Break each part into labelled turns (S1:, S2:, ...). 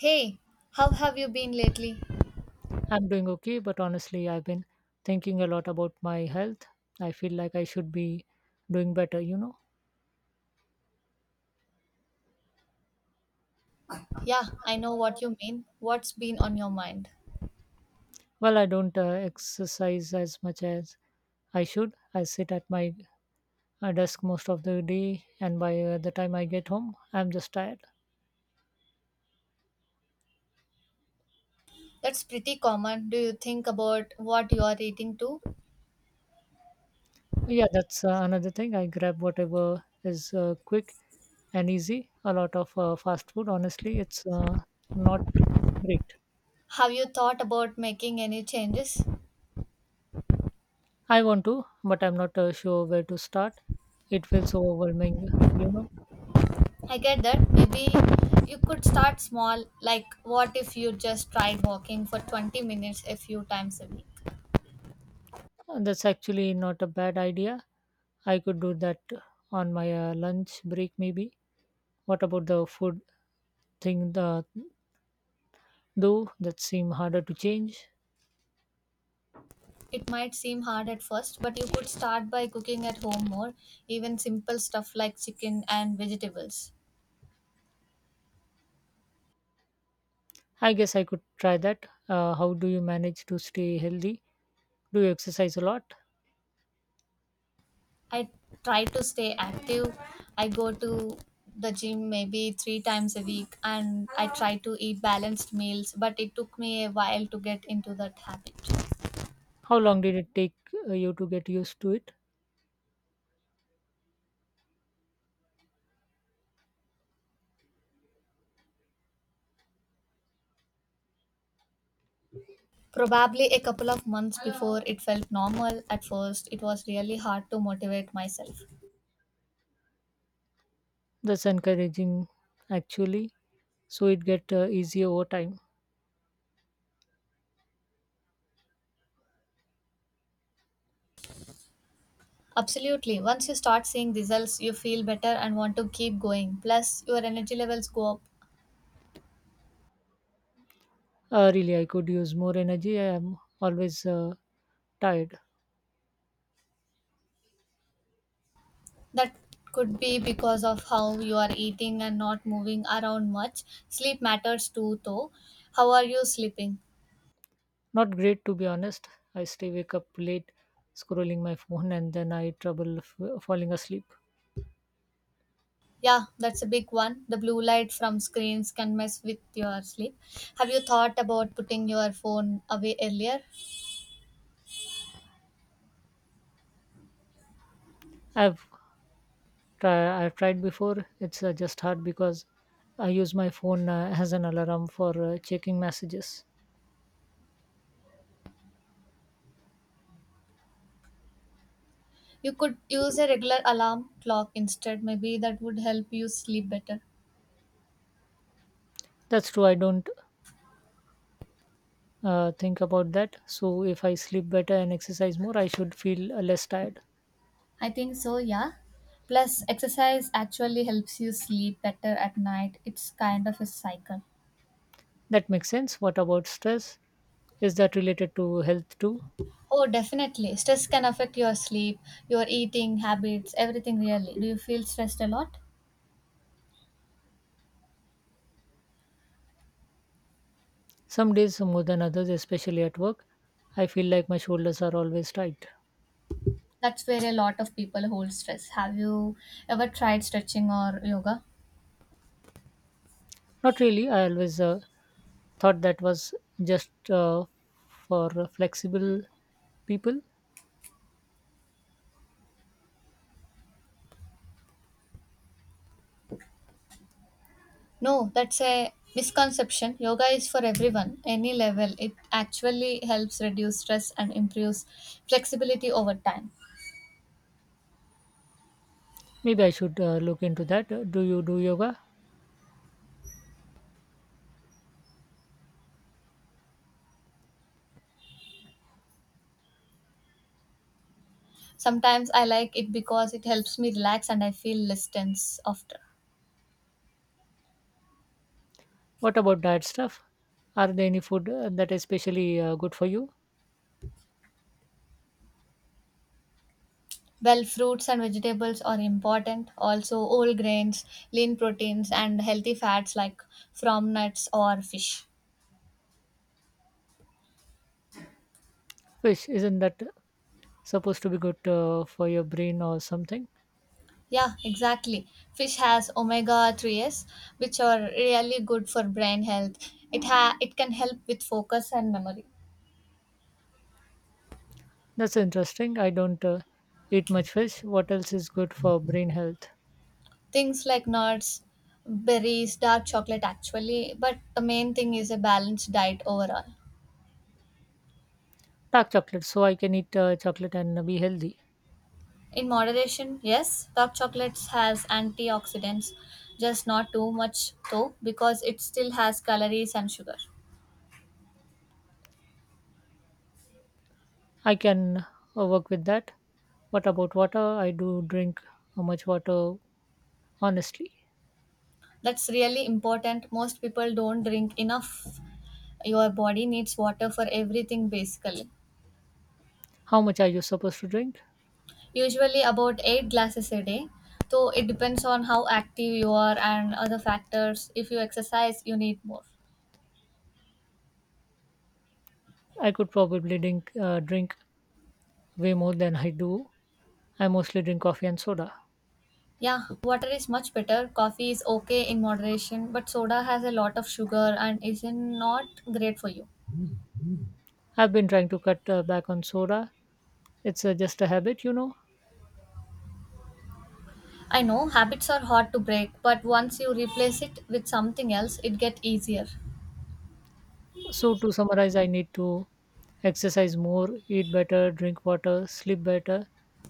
S1: Hey, how have you been lately?
S2: I'm doing okay, but honestly, I've been thinking a lot about my health. I feel like I should be doing better.
S1: Yeah, I know what you mean. What's been on your mind?
S2: Well, I don't exercise as much as I should. I sit at my desk most of the day, and by the time I get home, I'm just tired.
S1: That's pretty common. Do you think about what you are eating too?
S2: Yeah, that's another thing. I grab whatever is quick and easy. A lot of fast food, honestly, it's not great.
S1: Have you thought about making any changes?
S2: I want to, but I'm not sure where to start. It feels so overwhelming, you know.
S1: I get that. Maybe you could start small, like what if you just tried walking for 20 minutes a few times a week?
S2: And That's actually not a bad idea. I could do that on my lunch break, maybe. What about the food thing, though? That seem harder to change.
S1: It might seem hard at first, but you could start by cooking at home more, even simple stuff like chicken and vegetables.
S2: I guess I could try that. How do you manage to stay healthy? Do you exercise a lot?
S1: I try to stay active. I go to the gym maybe three times a week and I try to eat balanced meals, but it took me a while to get into that habit.
S2: How long did it take you to get used to it?
S1: Probably a couple of months before it felt normal at first, it was really hard to motivate myself.
S2: That's encouraging, actually. So it get easier over time.
S1: Absolutely. Once you start seeing results, you feel better and want to keep going. Plus, your energy levels go up.
S2: Really, I could use more energy. I am always tired.
S1: That could be because of how you are eating and not moving around much. Sleep matters too, though. How are you sleeping?
S2: Not great, to be honest. I stay wake up late, scrolling my phone, and then I trouble falling asleep.
S1: Yeah, that's a big one. The blue light from screens can mess with your sleep. Have you thought about putting your phone away earlier?
S2: I've I've tried before. It's just hard because I use my phone as an alarm for checking messages.
S1: You could use a regular alarm clock instead. Maybe that would help you sleep better.
S2: That's true. I don't think about that. So if I sleep better and exercise more, I should feel less tired.
S1: I think so, yeah. Plus, exercise actually helps you sleep better at night. It's kind of a cycle.
S2: That makes sense. What about stress? Is that related to health too?
S1: Oh, definitely. Stress can affect your sleep, your eating habits, everything really. Do you feel stressed a lot?
S2: Some days more than others, especially at work, I feel like my shoulders are always tight.
S1: That's where a lot of people hold stress. Have you ever tried stretching or yoga?
S2: Not really, I always thought that was just for flexible people.
S1: No, that's a misconception. Yoga is for everyone, any level. It actually helps reduce stress and improves flexibility over time.
S2: Maybe I should look into that. Do you do yoga?
S1: Sometimes I like it because it helps me relax and I feel less tense after.
S2: What about diet stuff? Are there any food that is especially good for you?
S1: Well, fruits and vegetables are important. Also, whole grains, lean proteins, and healthy fats like from nuts or fish.
S2: Fish, isn't that supposed to be good for your brain or something?
S1: Yeah, exactly. Fish has omega 3s, which are really good for brain health. It, it can help with focus and memory.
S2: That's interesting. I don't eat much fish. What else is good for brain health?
S1: Things like nuts, berries, dark chocolate, actually. But the main thing is a balanced diet overall.
S2: Dark chocolate, so I can eat chocolate and be healthy?
S1: In moderation, yes, dark chocolates has antioxidants, just not too much though, because it still has calories and sugar.
S2: I can work with that. What about water? I do drink. How much water, honestly?
S1: That's really important. Most people don't drink enough. Your body needs water for everything basically.
S2: How much are you supposed to drink?
S1: Usually about 8 glasses a day. So it depends on how active you are and other factors. If you exercise, you need more.
S2: I could probably drink way more than I do. I mostly drink coffee and soda.
S1: Yeah, water is much better. Coffee is okay in moderation, but soda has a lot of sugar and is not great for you.
S2: I've been trying to cut back on soda. It's just a habit.
S1: I know habits are hard to break, but once you replace it with something else, it gets easier.
S2: So to summarize, I need to exercise more, eat better, drink water, sleep better,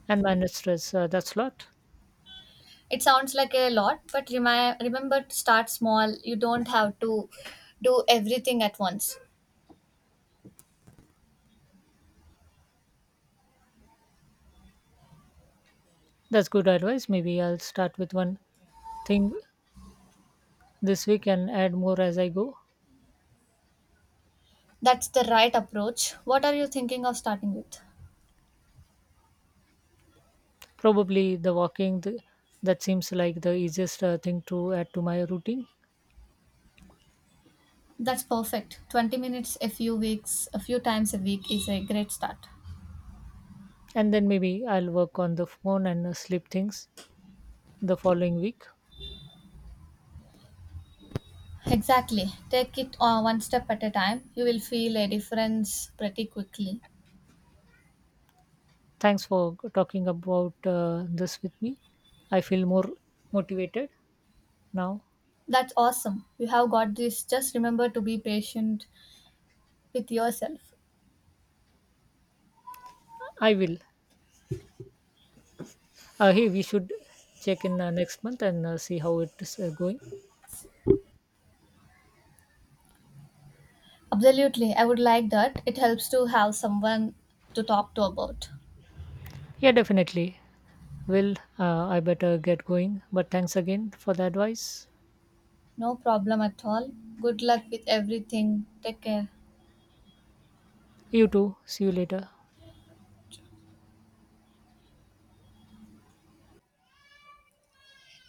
S2: and manage stress, that's a lot.
S1: It sounds like a lot, but remember to start small. You don't have to do everything at once.
S2: That's good advice. Maybe I'll start with one think this week and add more as I go.
S1: That's the right approach. What are you thinking of starting with?
S2: Probably the walking, that seems like the easiest thing to add to my routine.
S1: That's perfect. 20 minutes a few weeks, a few times a week is a great start.
S2: And then maybe I'll work on the phone and sleep things the following week.
S1: Exactly. Take it one step at a time. You will feel a difference pretty quickly.
S2: Thanks for talking about this with me. I feel more motivated now.
S1: That's awesome. You have got this. Just remember to be patient with yourself.
S2: I will. Hey, we should check in next month and see how it's going.
S1: Absolutely, I would like that. It helps to have someone to talk to about.
S2: Yeah, definitely. Will I better get going. But thanks again for the advice.
S1: No problem at all. Good luck with everything. Take care.
S2: You too. See you later.